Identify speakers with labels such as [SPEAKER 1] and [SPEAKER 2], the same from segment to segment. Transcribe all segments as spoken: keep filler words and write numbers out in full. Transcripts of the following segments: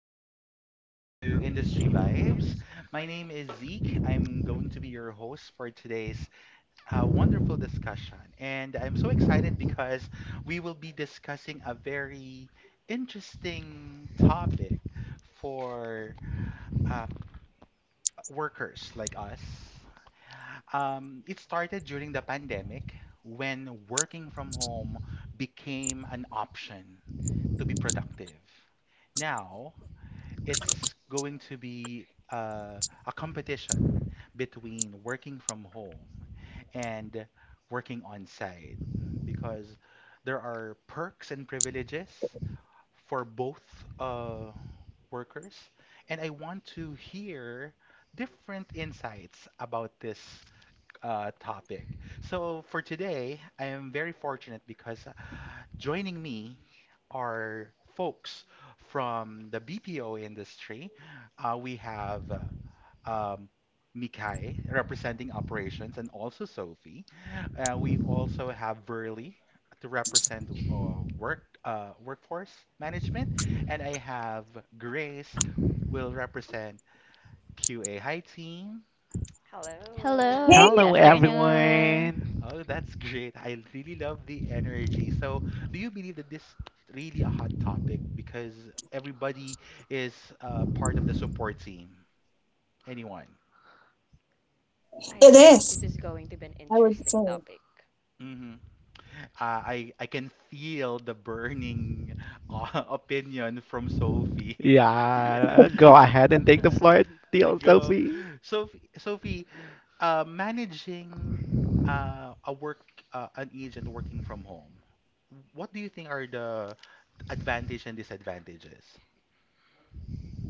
[SPEAKER 1] guys. Welcome to Industry Vibes. My name is Zeke. I'm going to be your host for today's uh, wonderful discussion, and I'm so excited because we will be discussing a very interesting topic for uh, workers like us. Um, it started during the pandemic when working from home became an option to be productive. Now, it's going to be uh, a competition between working from home and working on site because there are perks and privileges for both uh, workers. And I want to hear different insights about this uh, topic. So for today, I am very fortunate because uh, joining me are folks from the B P O industry. Uh, we have uh, um, Mikay representing operations and also Sophie. Uh, we also have Verly to represent uh, work uh, workforce management, and I have Grace will represent Q A. Hi team.
[SPEAKER 2] Hello,
[SPEAKER 3] Hello.
[SPEAKER 2] good
[SPEAKER 4] Hey,
[SPEAKER 5] Hello,
[SPEAKER 2] afternoon.
[SPEAKER 5] everyone.
[SPEAKER 1] Oh, that's great. I really love the energy. So, do you believe that this really a hot topic because everybody is uh, part of the support team? Anyone?
[SPEAKER 3] I
[SPEAKER 4] it
[SPEAKER 3] think
[SPEAKER 4] is,
[SPEAKER 3] this is going to be an
[SPEAKER 4] I would
[SPEAKER 3] interesting
[SPEAKER 4] say.
[SPEAKER 3] topic.
[SPEAKER 1] hmm Uh, I I can feel the burning uh, opinion from Sophie.
[SPEAKER 5] Yeah, go ahead and take the floor,
[SPEAKER 1] Uh,
[SPEAKER 5] dear
[SPEAKER 1] go.
[SPEAKER 5] Sophie.
[SPEAKER 1] Sophie, Sophie, uh, managing uh, a work uh, an agent working from home. What do you think are the advantage and disadvantages?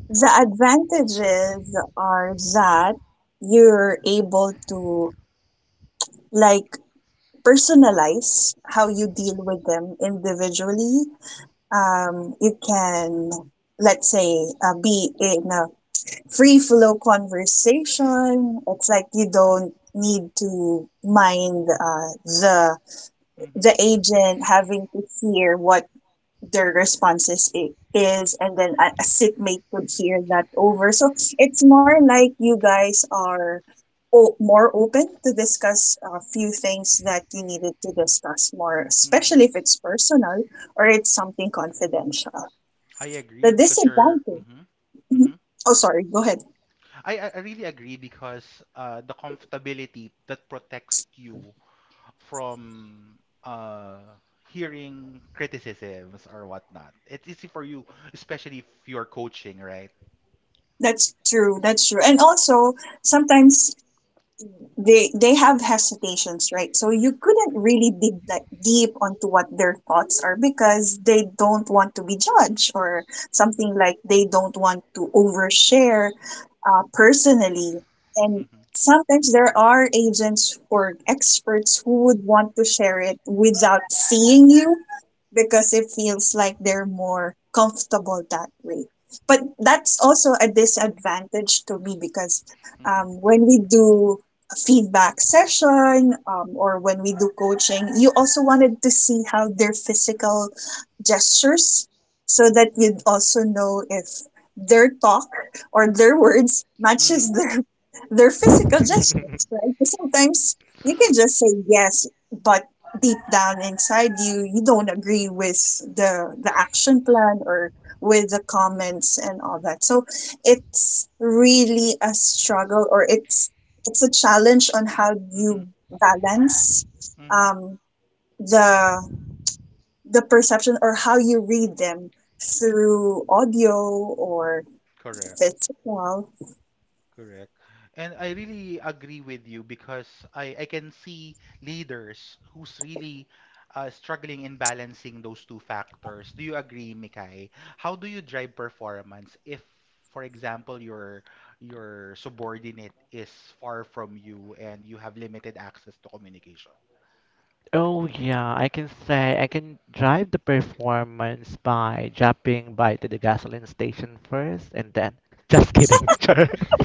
[SPEAKER 4] The advantages are that you're able to like personalize how you deal with them individually. Um, you can, let's say, uh, be in a free flow conversation. It's like you don't need to mind uh, the
[SPEAKER 1] Mm-hmm.
[SPEAKER 4] the agent having to hear what their responses i- is, and then a, a sitmate could hear that over. So it's more like you guys are o- more open to discuss a few things that you needed to discuss more,
[SPEAKER 1] Mm-hmm.
[SPEAKER 4] especially if it's personal or it's something confidential.
[SPEAKER 1] I agree
[SPEAKER 4] The
[SPEAKER 1] because you're.
[SPEAKER 4] disadvantage.
[SPEAKER 1] Mm-hmm. Mm-hmm.
[SPEAKER 4] Mhm. Oh, sorry. Go ahead.
[SPEAKER 1] I I I really agree because uh the comfortability that protects you from uh hearing criticisms or whatnot. It's easy for you, especially if you're coaching, right?
[SPEAKER 4] That's true. That's true. And also, sometimes they they have hesitations, right? So you couldn't really dig that deep onto what their thoughts are because they don't want to be judged or something like they don't want to overshare uh, personally. And
[SPEAKER 1] Mm-hmm.
[SPEAKER 4] sometimes there are agents or experts who would want to share it without seeing you because it feels like they're more comfortable that way. But that's also a disadvantage to me because
[SPEAKER 1] Mm-hmm.
[SPEAKER 4] um, when we do a feedback session um, or when we do coaching, you also wanted to see how their physical gestures so that you'd also know if their talk or their words
[SPEAKER 1] Mm-hmm.
[SPEAKER 4] matches their their physical
[SPEAKER 1] Mm-hmm.
[SPEAKER 4] gestures, right? Sometimes you can just say yes, but deep down inside you you don't agree with the the action plan or with the comments and all that, so it's really a struggle or it's it's a challenge on how you balance
[SPEAKER 1] Mm-hmm.
[SPEAKER 4] um the the perception or how you read them through audio or
[SPEAKER 1] Correct.
[SPEAKER 4] physical.
[SPEAKER 1] Correct. And I really agree with you because I, I can see leaders who's really uh, struggling in balancing those two factors. Do you agree, Mikay? How do you drive performance if, for example, your your subordinate is far from you and you have limited access to communication?
[SPEAKER 5] Oh yeah, I can say I can drive the performance by dropping by to the gasoline station first and then just kidding. Char.
[SPEAKER 3] I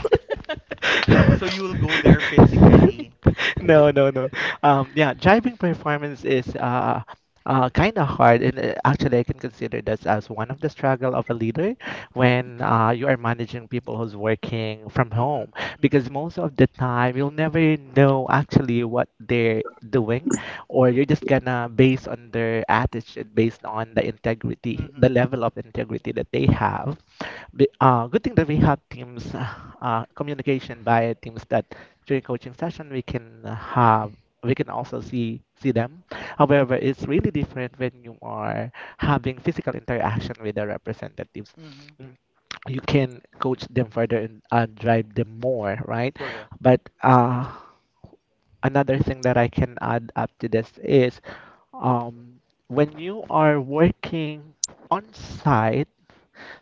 [SPEAKER 1] So you will go there physically.
[SPEAKER 5] No, no, no. Um, yeah, driving performance is uh, uh, kind of hard, and uh, actually, I can consider this as one of the struggle of a leader when uh, you are managing people who's working from home, because most of the time you'll never know actually what they're doing, or you're just gonna
[SPEAKER 1] Mm-hmm.
[SPEAKER 5] base on their attitude based on the integrity the level of integrity that they have. Be- uh, good thing that we have teams uh, communication via teams that during coaching session we can have we can also see see them. However, it's really different when you are having physical interaction with the representatives.
[SPEAKER 1] Mm-hmm.
[SPEAKER 5] Mm, you can coach them further and uh, drive them more, right?
[SPEAKER 1] Correct.
[SPEAKER 5] But uh, another thing that I can add up to this is, um, when you are working on site,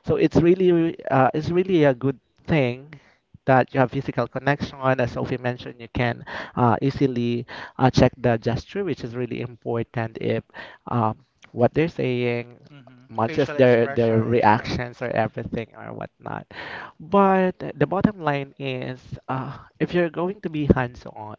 [SPEAKER 5] so it's really re- uh, it's really a good thing that you have physical connection. As Sophie mentioned, you can uh, easily uh, check the gesture, which is really important if um, what they're saying
[SPEAKER 1] Mm-hmm.
[SPEAKER 5] matches their their reactions or everything or whatnot.
[SPEAKER 1] the
[SPEAKER 5] But the bottom line is, uh, if you're going to be hands-on,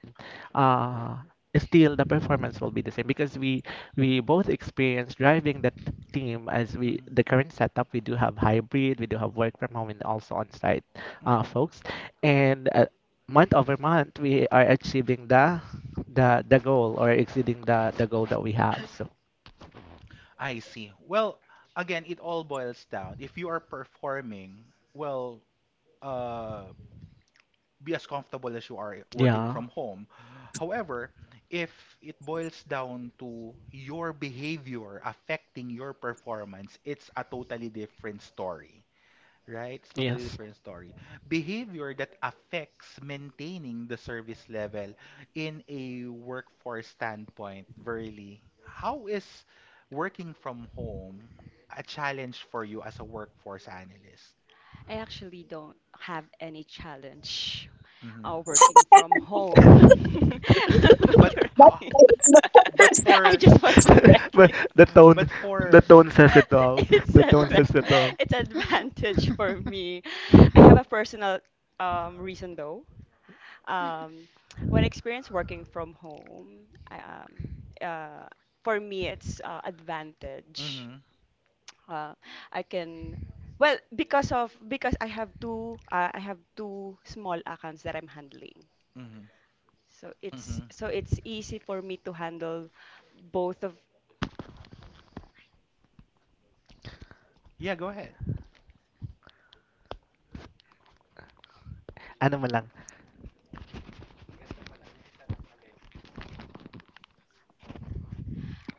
[SPEAKER 5] uh, still the performance will be the same because we we both experience driving that team as we the current setup. We do have hybrid, we do have work from home, and also on-site uh, folks. And uh, month over month, we are achieving the the the goal or exceeding the the goal that we have. So
[SPEAKER 1] I see. Well, again, it all boils down. If you are performing, well, uh, be as comfortable as you are i- working
[SPEAKER 5] yeah,
[SPEAKER 1] from home. However, if it boils down to your behavior affecting your performance, it's a totally different story, right? It's totally
[SPEAKER 5] yes.
[SPEAKER 1] different story. Behavior that affects maintaining the service level in a workforce standpoint, Verily. How is working from home a challenge for you as a workforce analyst?
[SPEAKER 3] actually don't have any challenge
[SPEAKER 1] hmm
[SPEAKER 3] uh, working from home. But
[SPEAKER 1] But
[SPEAKER 4] That's
[SPEAKER 3] correct
[SPEAKER 1] how?
[SPEAKER 3] me.
[SPEAKER 4] the
[SPEAKER 1] but
[SPEAKER 4] conversation.
[SPEAKER 3] I
[SPEAKER 1] for
[SPEAKER 3] just want to correct you.
[SPEAKER 5] But the tone,
[SPEAKER 1] but
[SPEAKER 5] the
[SPEAKER 1] for
[SPEAKER 5] tone says it all.
[SPEAKER 3] It's
[SPEAKER 5] The tone
[SPEAKER 3] advan
[SPEAKER 5] says it all.
[SPEAKER 3] it's advantage for me. I have a personal um, reason though. Um, when I experience working from home, I, um, uh, for me, it's uh, advantage.
[SPEAKER 1] hmm
[SPEAKER 3] Uh, I can, well, because of because I have two, uh, I have two small accounts that I'm handling.
[SPEAKER 1] hmm
[SPEAKER 3] So it's
[SPEAKER 1] hmm
[SPEAKER 3] so it's easy for me to handle both of.
[SPEAKER 1] Yeah, go ahead.
[SPEAKER 5] Ano mo lang,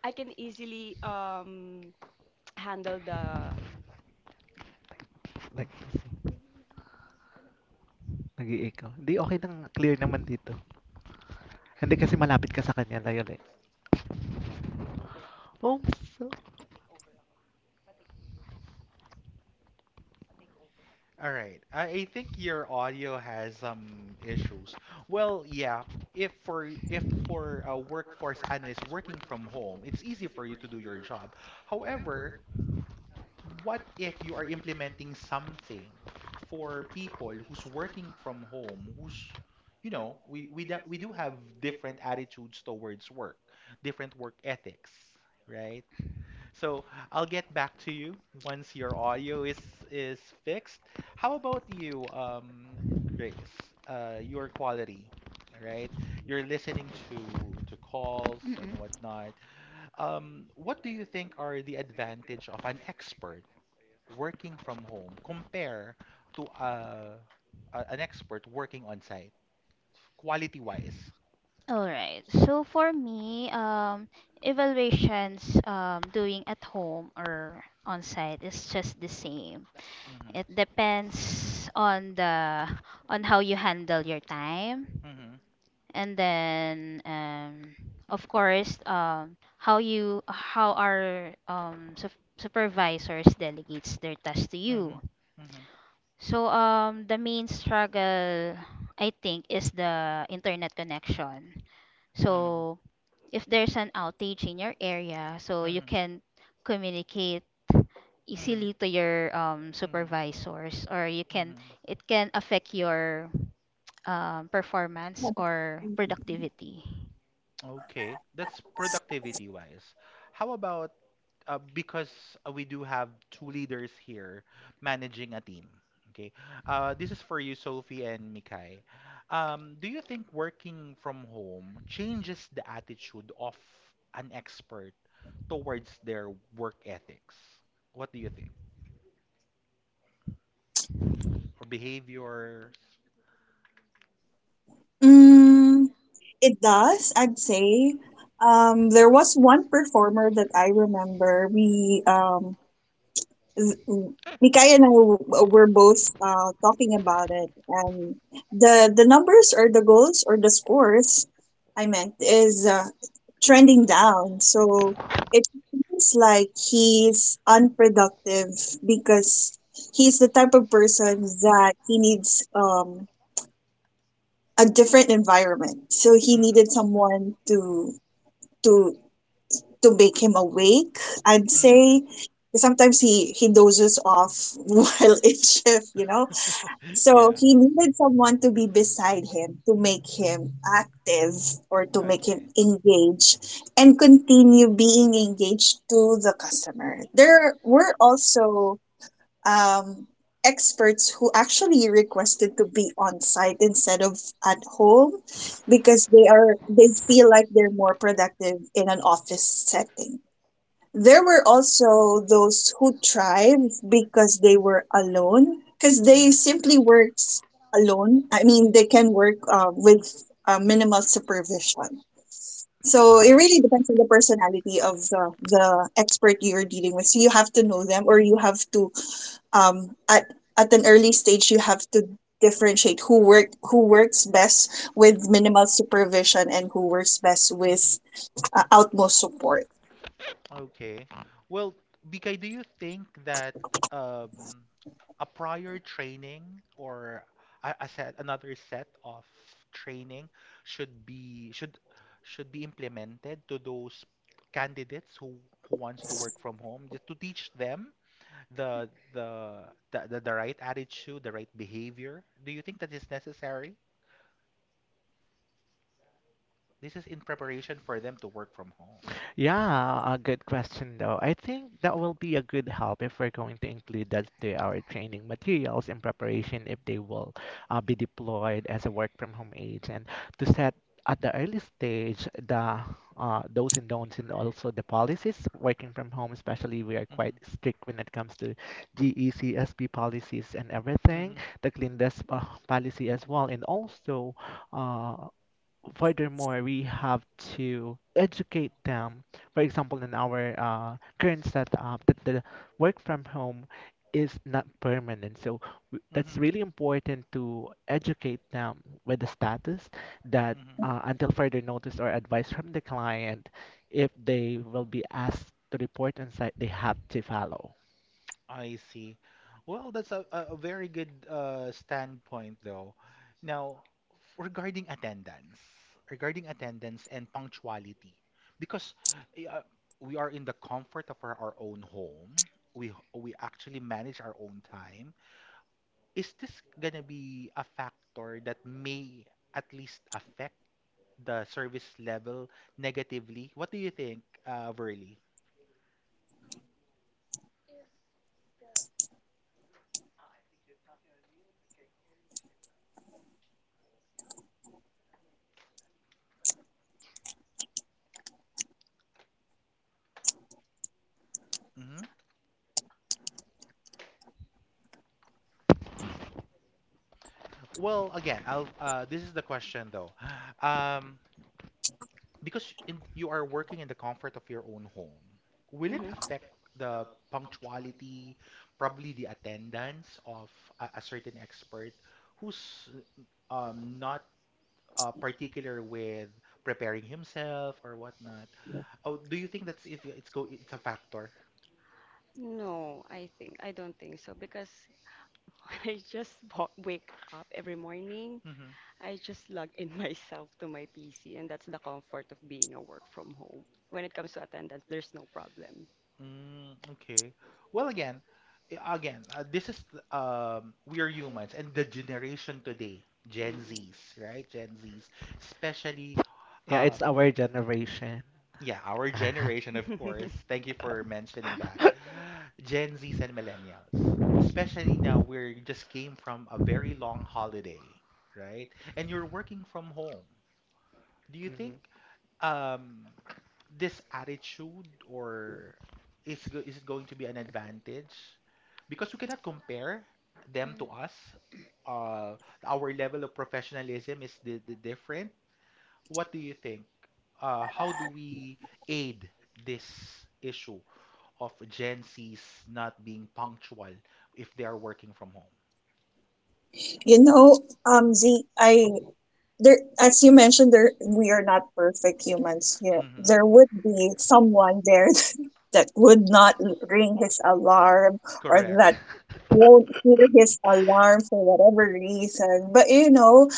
[SPEAKER 3] I can easily um, handle the.
[SPEAKER 5] like, nag Hindi, okay lang, clear naman dito. Hindi kasi malapit ka sa kanya, layo eh. Oh, so,
[SPEAKER 1] All right. I, I think your audio has some issues. Well, yeah. If for if for a workforce analyst working from home, it's easy for you to do your job. However, what if you are implementing something for people who's working from home, who's, you know, we we do, we do have different attitudes towards work, different work ethics, right? So I'll get back to you once your audio is is fixed. How about you, um, Grace? Uh, your quality, right? You're listening to to calls and
[SPEAKER 2] Mm-mm.
[SPEAKER 1] whatnot. Um, what do you think are the advantage of an expert working from home compare to uh, a, an expert working on site, quality wise?
[SPEAKER 2] All right. So for me, um, evaluations um, doing at home or on site is just the same. It
[SPEAKER 1] Mm-hmm.
[SPEAKER 2] depends on the on how you handle your time,
[SPEAKER 1] Mm-hmm.
[SPEAKER 2] and then um, of course, um, how you how our um, su- supervisors delegates their tasks to you.
[SPEAKER 1] Mm-hmm. Mm-hmm.
[SPEAKER 2] So um, the main struggle I think is the internet connection.
[SPEAKER 1] Mm-hmm.
[SPEAKER 2] So if there's an outage in your area, so you
[SPEAKER 1] Mm-hmm.
[SPEAKER 2] can communicate
[SPEAKER 1] Mm-hmm.
[SPEAKER 2] easily to your um,
[SPEAKER 1] Mm-hmm. Mm-hmm.
[SPEAKER 2] supervisors, or you can
[SPEAKER 1] Mm-hmm.
[SPEAKER 2] it can affect your um, performance or productivity.
[SPEAKER 1] Okay, that's productivity wise. How about uh, because uh, we do have two leaders here managing a team. Okay, uh, this is for you, Sophie and Mikay. Um, do you think working from home changes the attitude of an expert towards their work ethics? What do you think? Or behaviors?
[SPEAKER 4] Mm, It does, I'd say. Um, there was one performer that I remember. We, um, th- Mikay and I w- were both uh, talking about it, and the the numbers or the goals or the scores, I meant, is uh, trending down. So it seems like he's unproductive because he's the type of person that he needs um, a different environment. So he
[SPEAKER 1] Mm-hmm.
[SPEAKER 4] needed someone to to to make him awake. I'd
[SPEAKER 1] Mm-hmm.
[SPEAKER 4] say sometimes he he dozes off while in shift, you know. So
[SPEAKER 1] Yeah.
[SPEAKER 4] he needed someone to be beside him to make him active or to make him
[SPEAKER 1] Okay.
[SPEAKER 4] engage and continue being engaged to the customer. There were also um, experts who actually requested to be on site instead of at home because they are they feel like they're more productive in an office setting. There were also those who thrived because they were alone because they simply works alone. I mean, they can work uh, with uh, minimal supervision. So it
[SPEAKER 1] Ah, I
[SPEAKER 4] really
[SPEAKER 1] see.
[SPEAKER 4] depends on the personality of the, the expert you're dealing with. So you have to know them or you have to um, at at an early stage you have to differentiate who work who works best with minimal supervision and who works best
[SPEAKER 1] hmm
[SPEAKER 4] with uh, outmost support.
[SPEAKER 1] Okay. Well, Bikay, do you think that um, a prior training or a, a set, another set of training should be should should be implemented to those candidates who who wants to work from home, just to teach them the the the, the, the right attitude, the right behavior? Do you think that is necessary? This is in preparation for them to work from home.
[SPEAKER 3] Yeah, a good question though. I think that will be a good help if we're going to include that to our training materials in preparation if they will uh, be deployed as a work from home age and to set at the early stage the uh, those and don'ts and also the policies working from home, especially we are quite strict when it comes to G E C S P policies and
[SPEAKER 1] hmm
[SPEAKER 3] everything,
[SPEAKER 1] hmm
[SPEAKER 3] the clean desk uh, policy as well, and also uh, furthermore, we have to educate them. For example, in our uh, current setup, that the work from home is not permanent. So w- that's
[SPEAKER 1] Mm-hmm.
[SPEAKER 3] really important to educate them with the status that
[SPEAKER 1] Mm-hmm.
[SPEAKER 3] uh, until further notice or advice from the client, if they will be asked to report on site, they have to follow.
[SPEAKER 1] I see. Well, that's a, a a very good uh, standpoint, though. Now, f- regarding attendance, regarding attendance and punctuality, because eh, uh, we are in the comfort of our, our own home, we we actually manage our own time. Is this gonna be a factor that may at least affect the service level negatively? What do you think, uh, Verly? Well, again, I'll uh this is the question though. Um because in, you are working in the comfort of your own home, will it affect the punctuality, probably the attendance of a, a certain expert who's um not uh, particular with preparing himself or whatnot? Oh, do you think that's it, it's go it's a factor? Mm-hmm. Mm, okay. Well, again, i- again, uh, this is th- um, we are humans, and the generation today, Gen Zs, right? Gen Zs, especially,
[SPEAKER 3] Yeah, it's
[SPEAKER 1] um,
[SPEAKER 3] our generation.
[SPEAKER 1] yeah, our generation, of course. Thank you for mentioning that. Gen Zs and millennials, especially now, we just came from a very long holiday, right? And you're working from home. Do you think
[SPEAKER 3] Mhm.
[SPEAKER 1] um this attitude or is go- is it going to be an advantage? Because we cannot compare them to us. Uh, our level of professionalism is the, the different. What do you think? Uh, how do we aid this issue of Gen Z's not being punctual if they are working from home?
[SPEAKER 4] You know, um z I there, as you mentioned, there, we are not perfect humans, yeah,
[SPEAKER 1] Mm-hmm.
[SPEAKER 4] there would be someone there that would not ring his alarm or
[SPEAKER 1] Correct.
[SPEAKER 4] that won't hear his alarm for whatever reason. But you know,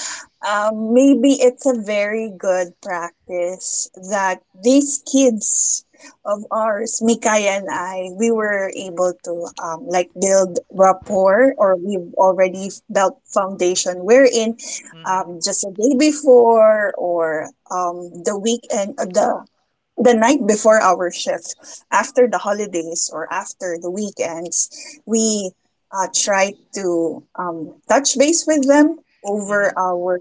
[SPEAKER 4] um, maybe it's a very good practice that these kids of ours, Mikaya and I, we were able to um, like build rapport, or we've already built foundation. Wherein,
[SPEAKER 1] Mm-hmm.
[SPEAKER 4] um, just a day before or um, the weekend, the the night before our shift, after the holidays or after the weekends, we uh, try to um, touch base with them
[SPEAKER 1] Mm-hmm.
[SPEAKER 4] over our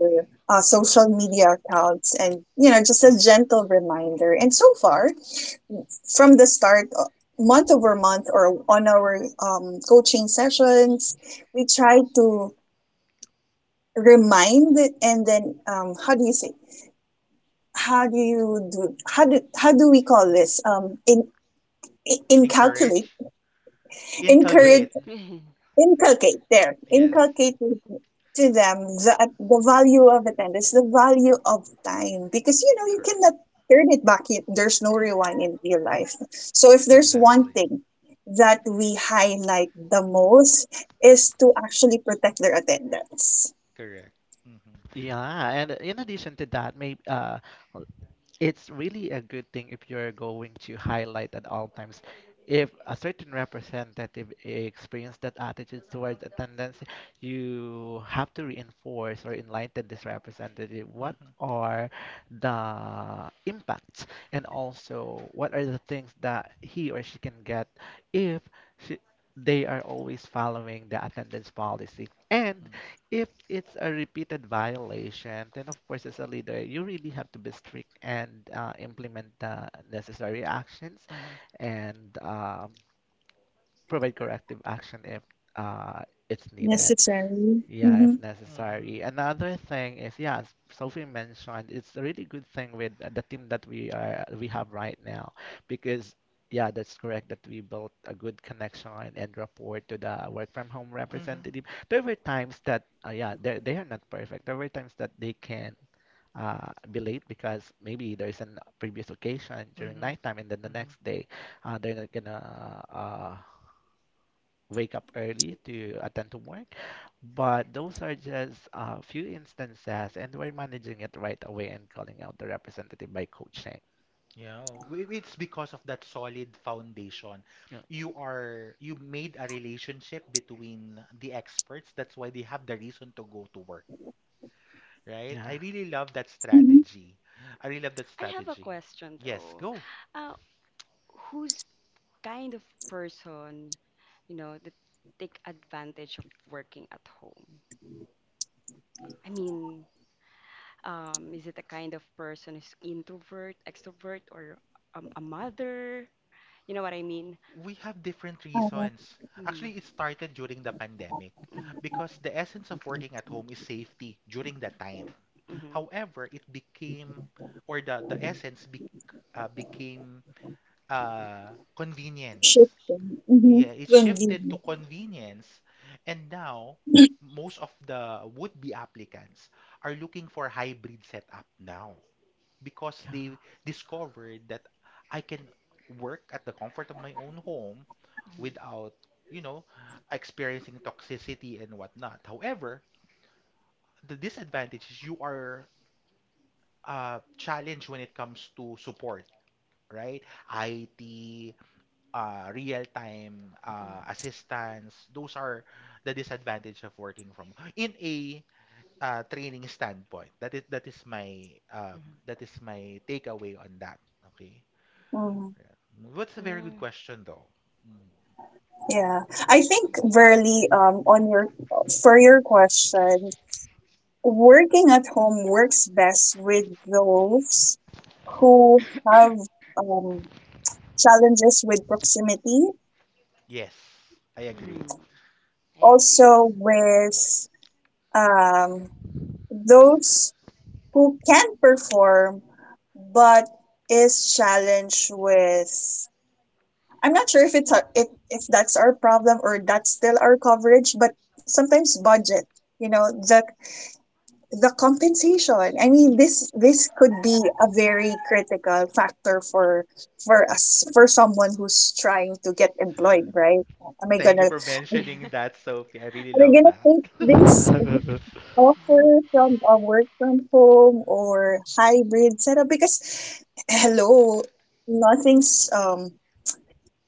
[SPEAKER 4] uh, social media accounts and, you know, just
[SPEAKER 1] Mm-hmm.
[SPEAKER 4] a gentle reminder. And so far, from the start, uh, month over month or on our um, coaching sessions, we try to remind and then, um, how do you say, how do you do, how do, how do we call this? Um, in i- inculcate,
[SPEAKER 1] Encourage?
[SPEAKER 3] Re-
[SPEAKER 4] encourage,
[SPEAKER 1] Inculcate.
[SPEAKER 4] inculcate there,
[SPEAKER 1] Yes.
[SPEAKER 4] inculcate with- to them the, the value of attendance, the value of time, because you know you
[SPEAKER 1] Correct.
[SPEAKER 4] cannot turn it back. You- There's no rewind in real life. So if there's one
[SPEAKER 1] Exactly.
[SPEAKER 4] thing that we highlight the most is to actually protect their attendance.
[SPEAKER 1] Correct. Mm-hmm.
[SPEAKER 3] Yeah, and in addition to that, maybe uh, l- it's really a good thing if you're going to highlight at all times. If a certain representative experienced that attitude towards attendance, you have to reinforce or enlighten this representative. What
[SPEAKER 1] Mm-hmm.
[SPEAKER 3] are the impacts, and also what are the things that he or she can get if she, they are always following the attendance policy? And if it's a repeated violation, then of course, as a leader, you really have to be strict and uh, implement the necessary actions
[SPEAKER 1] Mm-hmm. Mm-hmm.
[SPEAKER 3] and um, provide corrective action if uh, it's needed.
[SPEAKER 4] Necessary.
[SPEAKER 3] Yeah, if
[SPEAKER 4] Mm-hmm.
[SPEAKER 3] necessary. Another thing is, yeah, as Sophie mentioned, it's a really good thing with uh, the team that we are we have right now because yeah, that's correct that we built a good connection and rapport to the work from home
[SPEAKER 1] Mm-hmm.
[SPEAKER 3] representative. There were times that uh, yeah, they they are not perfect. There were times that they can uh, be late because maybe there's an previous occasion during
[SPEAKER 1] Mm-hmm.
[SPEAKER 3] nighttime and then the
[SPEAKER 1] Mm-hmm.
[SPEAKER 3] next day uh, they're not gonna uh, wake up early to attend to work. But those are just a few instances, and we're managing it right away and calling out the representative by coaching.
[SPEAKER 1] Yeah, w- it's because of that solid foundation.
[SPEAKER 3] Yeah.
[SPEAKER 1] You are you made a relationship between the experts. That's why they have the reason to go to work, right?
[SPEAKER 3] Yeah.
[SPEAKER 1] I really love that
[SPEAKER 4] Mm-hmm.
[SPEAKER 1] strategy. I really love that strategy. Yes, go. We have different
[SPEAKER 4] Uh,
[SPEAKER 1] reasons. Actually, it started during the pandemic because the essence of working at home is safety during that time. However, it became or the the essence bec uh, became uh, convenience.
[SPEAKER 4] Shifting. Mm-hmm.
[SPEAKER 1] Yeah, it shifted to
[SPEAKER 4] Convenient.
[SPEAKER 1] convenience, and now most of the would-be applicants are looking for hybrid setup now because
[SPEAKER 3] Yeah.
[SPEAKER 1] they discovered that I can work at the comfort of my own home without, you know, experiencing toxicity and whatnot. However, the disadvantage is you are uh, challenged when it comes to support, right? I T, uh, real-time uh, assistance. Those are the disadvantage of working from in a uh, training standpoint. That is that is my um, that is my takeaway on that. Okay.
[SPEAKER 4] Mm,
[SPEAKER 1] Yeah. What's a very good question though? Mm.
[SPEAKER 4] yeah, I think really um on your for your question, working at home works best with those who have um challenges with proximity,
[SPEAKER 1] Yes, I agree.
[SPEAKER 4] also with um, those who can perform but is challenged with, I'm not sure if it's a, if, if that's our problem or that's still our coverage, but sometimes budget, you know, the the compensation. I mean, this this could be a very critical factor for for us, for someone who's trying to get employed, right? Am I
[SPEAKER 1] Thank you
[SPEAKER 4] gonna,
[SPEAKER 1] for
[SPEAKER 4] are
[SPEAKER 1] mentioning that, Sophie. I really
[SPEAKER 4] they
[SPEAKER 1] love
[SPEAKER 4] gonna
[SPEAKER 1] that.
[SPEAKER 4] take this offer from a work from home or hybrid setup, because hello, nothing's um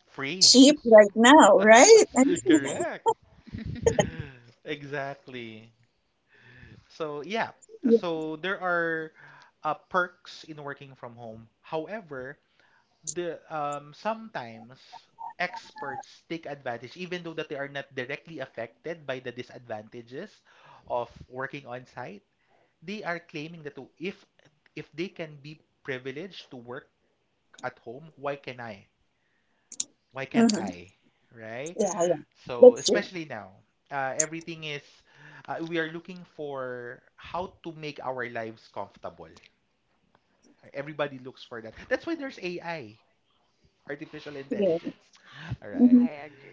[SPEAKER 1] Free.
[SPEAKER 4] cheap right now, right? I mean,
[SPEAKER 1] Correct. Exactly. So yeah,
[SPEAKER 4] yeah.
[SPEAKER 1] so there are uh, perks in working from home. However, the um, sometimes experts take advantage, even though that they are not directly affected by the disadvantages of working on site. They are claiming that oh, if if they can be privileged to work at home, why can I? Why can't
[SPEAKER 4] hmm
[SPEAKER 1] I? Right?
[SPEAKER 4] yeah, yeah,
[SPEAKER 1] So,
[SPEAKER 4] that's true.
[SPEAKER 1] especially now, uh, everything is, uh, we are looking for how to make our lives comfortable. Everybody looks for that. That's why there's A I, artificial
[SPEAKER 4] Yeah.
[SPEAKER 1] intelligence. All
[SPEAKER 4] hmm
[SPEAKER 1] right.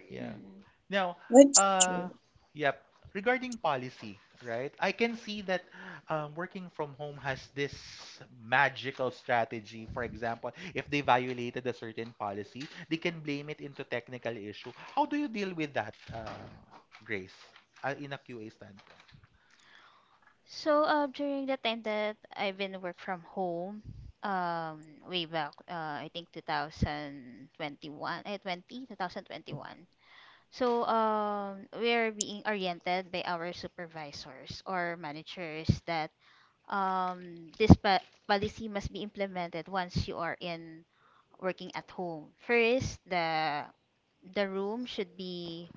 [SPEAKER 1] Yeah.
[SPEAKER 2] Mm.
[SPEAKER 1] Now,
[SPEAKER 4] that's true.
[SPEAKER 1] uh, yep. Regarding policy, right? I can see that um, working from home has this magical strategy. For example, if they violated a certain policy, they can blame it into technical issue. How do you deal with that, uh, Grace, uh, in a Q A standpoint?
[SPEAKER 2] So uh, during the time that I've been work from home, um, way back, uh, I think twenty twenty-one, eh, twenty two thousand twenty-one. So um, we are being oriented by our supervisors or managers that um, this pa- policy must be implemented once you are in working at home. First, the the room should be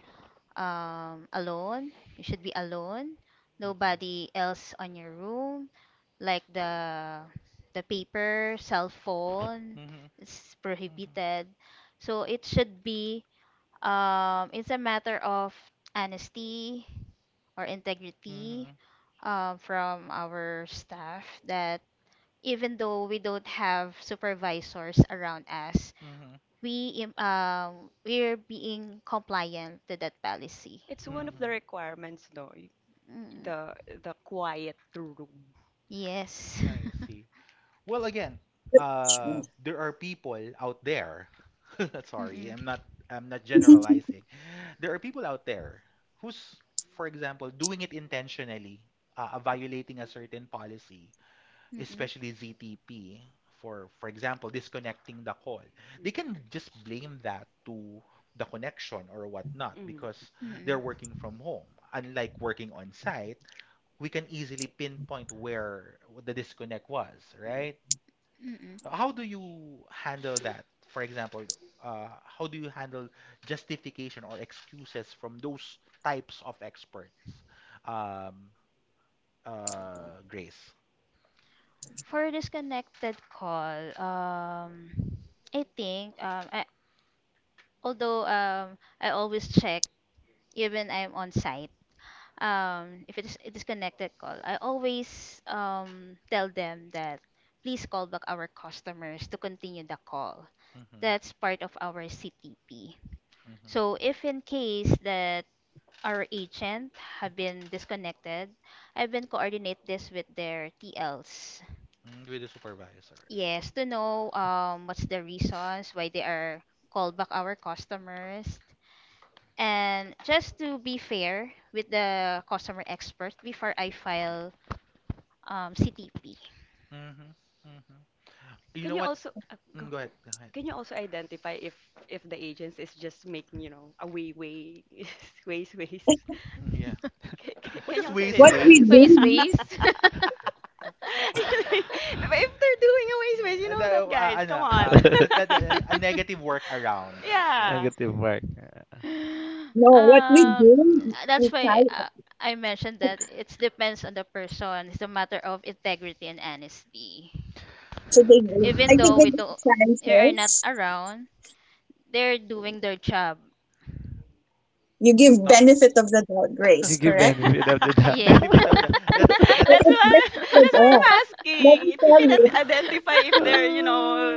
[SPEAKER 2] um, alone. You should be alone.
[SPEAKER 1] Mm-hmm.
[SPEAKER 2] Nobody else on your room. Like the the paper, cell phone,
[SPEAKER 1] Mm-hmm.
[SPEAKER 2] it's prohibited. So it should be, um, it's a matter of honesty or integrity
[SPEAKER 1] Mm-hmm.
[SPEAKER 2] um, from our staff that even though we don't have supervisors around us,
[SPEAKER 1] Mm-hmm.
[SPEAKER 2] we im- um we're being compliant to that policy.
[SPEAKER 1] Mm-hmm.
[SPEAKER 2] Mm. Yes.
[SPEAKER 1] I see. Well, again,
[SPEAKER 4] That's true.
[SPEAKER 1] uh, there are people out there. Sorry,
[SPEAKER 2] Mm-mm.
[SPEAKER 1] I'm not. I'm not generalizing. There are people out there who's, for example, doing it intentionally, uh, uh, violating a certain policy,
[SPEAKER 2] Mm-mm.
[SPEAKER 1] especially
[SPEAKER 2] Mm-mm.
[SPEAKER 1] Z T P. For for example, disconnecting the call. They can just blame that to the connection or whatnot because they're working from home. Unlike working on site, we can easily pinpoint where the disconnect was, right?
[SPEAKER 2] Mm-mm.
[SPEAKER 1] How do you handle that? For example, uh, how do you handle justification or excuses from those types of experts? Um, uh, Grace.
[SPEAKER 2] For disconnected call, um, I think um, I, although um, I always check, even I'm on site. um, if it's a disconnected call, I always um, tell them that please call back our customers to continue the call.
[SPEAKER 1] Mm-hmm.
[SPEAKER 2] That's part of our C T P. So
[SPEAKER 1] Mm-hmm.
[SPEAKER 2] if in case that our agent have been disconnected, I've been coordinate this with their T Ls.
[SPEAKER 1] Mm, with the supervisors.
[SPEAKER 2] Yes, to know um, what's the reasons why they are called back our customers. And just to be fair with the customer expert, before I file um, C T P.
[SPEAKER 1] Mm-hmm. Mm-hmm. You know what? Mm, go ahead. Go ahead. Yeah. What is waste
[SPEAKER 4] what we
[SPEAKER 2] Waze,
[SPEAKER 1] waste?
[SPEAKER 2] ways.
[SPEAKER 4] do,
[SPEAKER 2] Ways.
[SPEAKER 1] The, yeah, uh, the, uh, ano, um, that, that, that- a negative workaround.
[SPEAKER 3] Negative work. Yeah.
[SPEAKER 4] no what we
[SPEAKER 1] Yeah.
[SPEAKER 2] Um,
[SPEAKER 4] do, we
[SPEAKER 2] that's
[SPEAKER 4] try,
[SPEAKER 2] why uh, I mentioned that it depends on the person. It's a matter of integrity and honesty.
[SPEAKER 4] so
[SPEAKER 1] Um,
[SPEAKER 4] they
[SPEAKER 1] okay.
[SPEAKER 4] give, I
[SPEAKER 2] Even
[SPEAKER 4] think
[SPEAKER 2] though
[SPEAKER 4] they
[SPEAKER 2] we
[SPEAKER 4] give
[SPEAKER 2] don't, they are not
[SPEAKER 4] chances.
[SPEAKER 2] around, they're doing their job.
[SPEAKER 4] You
[SPEAKER 1] But
[SPEAKER 4] give
[SPEAKER 1] not.
[SPEAKER 4] benefit of
[SPEAKER 1] Oh.
[SPEAKER 4] the doubt,
[SPEAKER 3] You
[SPEAKER 4] Grace,
[SPEAKER 3] give
[SPEAKER 4] correct.
[SPEAKER 3] benefit of the
[SPEAKER 2] Yeah.
[SPEAKER 1] Benefit of the.
[SPEAKER 3] doubt.
[SPEAKER 1] That's
[SPEAKER 3] I'm
[SPEAKER 1] that's.
[SPEAKER 4] But it's different with us,
[SPEAKER 3] asking
[SPEAKER 4] let me
[SPEAKER 3] if you
[SPEAKER 4] tell
[SPEAKER 3] can ad-
[SPEAKER 4] you.
[SPEAKER 3] identify if you can.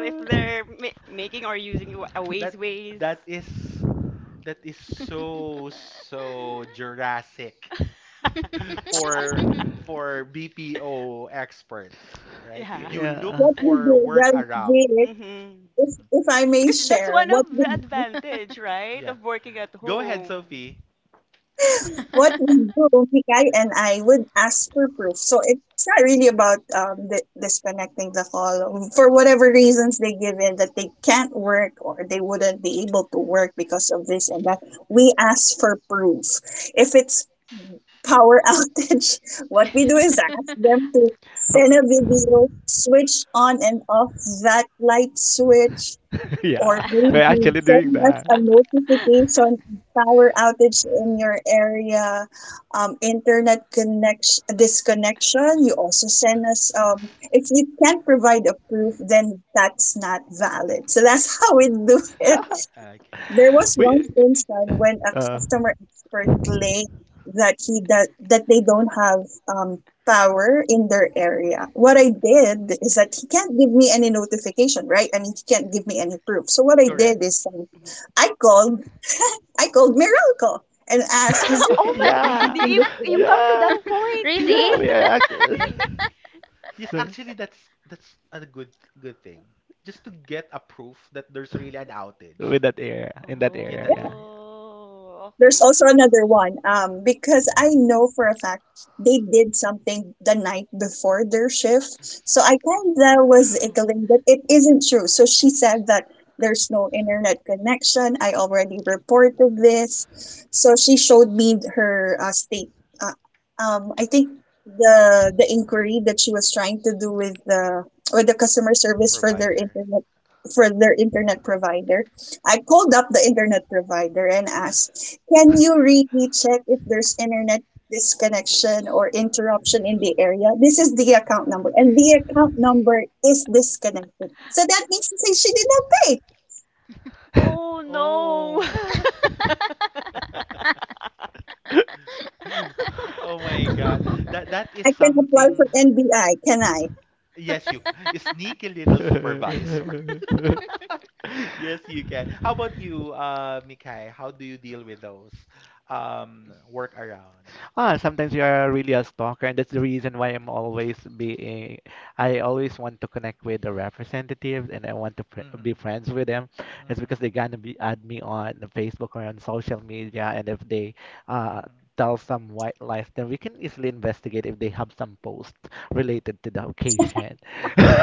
[SPEAKER 1] That that is that is so so Jurassic. for for B P O experts, right? You look
[SPEAKER 4] What we
[SPEAKER 1] for
[SPEAKER 4] do,
[SPEAKER 1] work
[SPEAKER 4] well,
[SPEAKER 1] around.
[SPEAKER 4] Jake, if,
[SPEAKER 1] hmm Mhm.
[SPEAKER 4] if I may share, what we do,
[SPEAKER 1] Yeah. Go ahead, Sophie.
[SPEAKER 4] what we do, Mikay and I would ask for proof. So it's not really about um, di- disconnecting the call. For whatever reasons they give in that they can't work or they wouldn't be able to work because of this and that, we ask for proof. If it's power outage, what we do is ask them to
[SPEAKER 3] Uh,
[SPEAKER 4] send
[SPEAKER 3] yeah.
[SPEAKER 4] a video, switch on and off that light switch, or
[SPEAKER 3] Yeah. We're
[SPEAKER 4] maybe
[SPEAKER 3] actually doing
[SPEAKER 4] send us
[SPEAKER 3] that.
[SPEAKER 4] a notification of power outage in your area, um, internet connection disconnection. You also
[SPEAKER 1] Uh,
[SPEAKER 4] send us um, if you can't provide a proof, then that's not valid. So that's how we do it.
[SPEAKER 1] Okay.
[SPEAKER 4] There was
[SPEAKER 3] we
[SPEAKER 4] one instance when a
[SPEAKER 3] uh
[SPEAKER 4] customer expert claimed that he does, that they don't have um, power in their area. What I did is that he can't give me any notification, right? I mean, he can't give me any proof. So what I
[SPEAKER 1] Correct.
[SPEAKER 4] did is um, I called I called Miracle and asked, "Is there anything
[SPEAKER 3] yeah.
[SPEAKER 4] in this area?"
[SPEAKER 3] Yeah.
[SPEAKER 2] Really?
[SPEAKER 3] Yeah, we are act-
[SPEAKER 1] Yes. Yes,
[SPEAKER 3] So,
[SPEAKER 1] actually that's that's a good good thing. Just to get a proof that there's really an outage
[SPEAKER 3] with that area, in that
[SPEAKER 1] in
[SPEAKER 3] area,
[SPEAKER 1] that
[SPEAKER 3] yeah.
[SPEAKER 1] area.
[SPEAKER 4] There's also another one, um because I know for a fact they did something the night before their shift, so I kind of was ickling that it isn't true. So she said that there's no internet connection, I already reported this. So she showed me her uh, state uh, um I think the the inquiry that she was trying to do with the with the customer service for their
[SPEAKER 1] Provider.
[SPEAKER 4] internet, for their internet provider. I called up the internet provider and asked, "Can you really check if there's internet disconnection or interruption in the area?" This is the account number, and the account number is disconnected. So that means to say she did not pay.
[SPEAKER 1] Oh. Oh my God. That that is
[SPEAKER 4] I can apply for
[SPEAKER 1] something.
[SPEAKER 4] N B I, can I?
[SPEAKER 1] Yes, you c- sneaky little supervisor.
[SPEAKER 3] Yeah.
[SPEAKER 1] Yes, you can. How about you, uh, Mikay? How do you deal with those um workarounds?
[SPEAKER 3] Ah, sometimes you are really a stalker, and that's the reason why I'm always being, I always want to connect with the representatives and I want to fr
[SPEAKER 1] Mm-hmm.
[SPEAKER 3] be friends with them. It's
[SPEAKER 1] Mm-hmm.
[SPEAKER 3] because they're gonna be add me on Facebook or on social media, and if they uh tell some white lies, then we can easily investigate if they have some post related to the occasion.
[SPEAKER 1] Mm-hmm.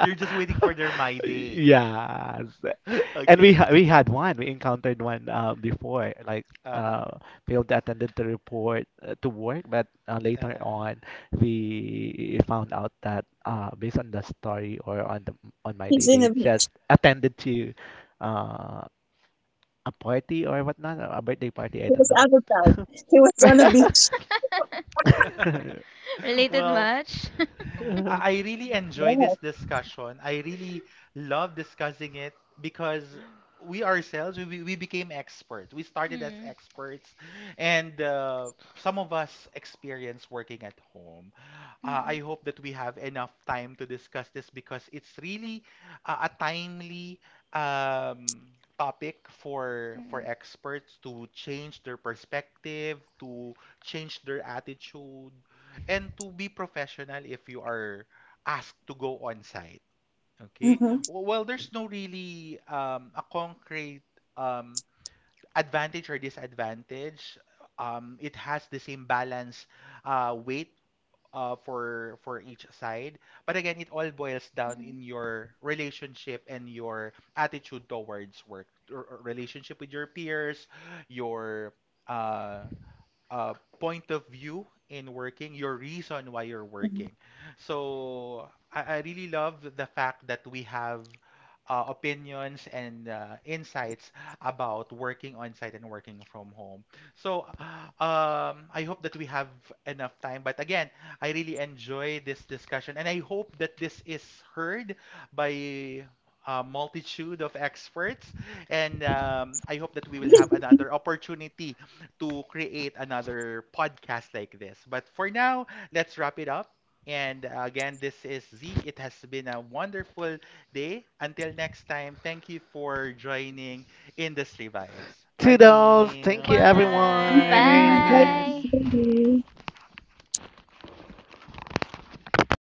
[SPEAKER 1] You're just waiting for their my day.
[SPEAKER 3] Yes. And we
[SPEAKER 1] Okay.
[SPEAKER 3] ha we had one, we encountered one uh, before, like
[SPEAKER 1] Uh-huh.
[SPEAKER 3] uh, Field attended the report uh, to work, but uh, later
[SPEAKER 1] Uh-huh.
[SPEAKER 3] on, we found out that uh, based on the story or on the on my
[SPEAKER 4] He's
[SPEAKER 3] day,
[SPEAKER 4] in a
[SPEAKER 3] they
[SPEAKER 4] beach.
[SPEAKER 3] just attended to uh, a party or whatnot, a birthday party. I
[SPEAKER 4] He
[SPEAKER 3] don't
[SPEAKER 4] was
[SPEAKER 3] know.
[SPEAKER 4] out of town. He was on a beach.
[SPEAKER 2] Related
[SPEAKER 1] Well,
[SPEAKER 2] much?
[SPEAKER 1] I I really enjoy
[SPEAKER 4] Yes.
[SPEAKER 1] this discussion. I really love discussing it because we ourselves we, we we became experts. We started as
[SPEAKER 2] Mm.
[SPEAKER 1] experts, and uh, some of us experience working at home.
[SPEAKER 2] Mm.
[SPEAKER 1] Uh, I hope that
[SPEAKER 2] Mm.
[SPEAKER 1] we have enough time to discuss this because it's really a, a timely um, topic for for experts to change their perspective, to change their attitude and to be professional if you are asked to go on site. Okay.
[SPEAKER 4] Mm-hmm.
[SPEAKER 1] W- Well, there's no really um, a concrete um, advantage or disadvantage. Um, it has the same balance uh, weight uh, for for each side, but again, it all boils down in your relationship and your attitude towards work, or- or relationship with your peers, your uh, uh, point of view in working, your reason why you're
[SPEAKER 4] Mm-hmm.
[SPEAKER 1] working. So I, I really love the fact that we have uh, opinions and uh, insights about working on site and working from home. So uh, um, I hope that we have enough time. But again, I really enjoy this discussion, and I hope that this is heard by a multitude of experts, and um, I hope that we will have another opportunity to create another podcast like this. But for now, let's wrap it up. And uh, again, this is Zeke. It has been a wonderful day. Until next time, thank you for joining
[SPEAKER 2] Mm.
[SPEAKER 1] Industry Vibes. Bye,
[SPEAKER 3] Toodles!
[SPEAKER 1] team.
[SPEAKER 3] Thank you,
[SPEAKER 1] Bye.
[SPEAKER 4] Mm-hmm.
[SPEAKER 3] everyone.
[SPEAKER 2] Bye.
[SPEAKER 4] Like,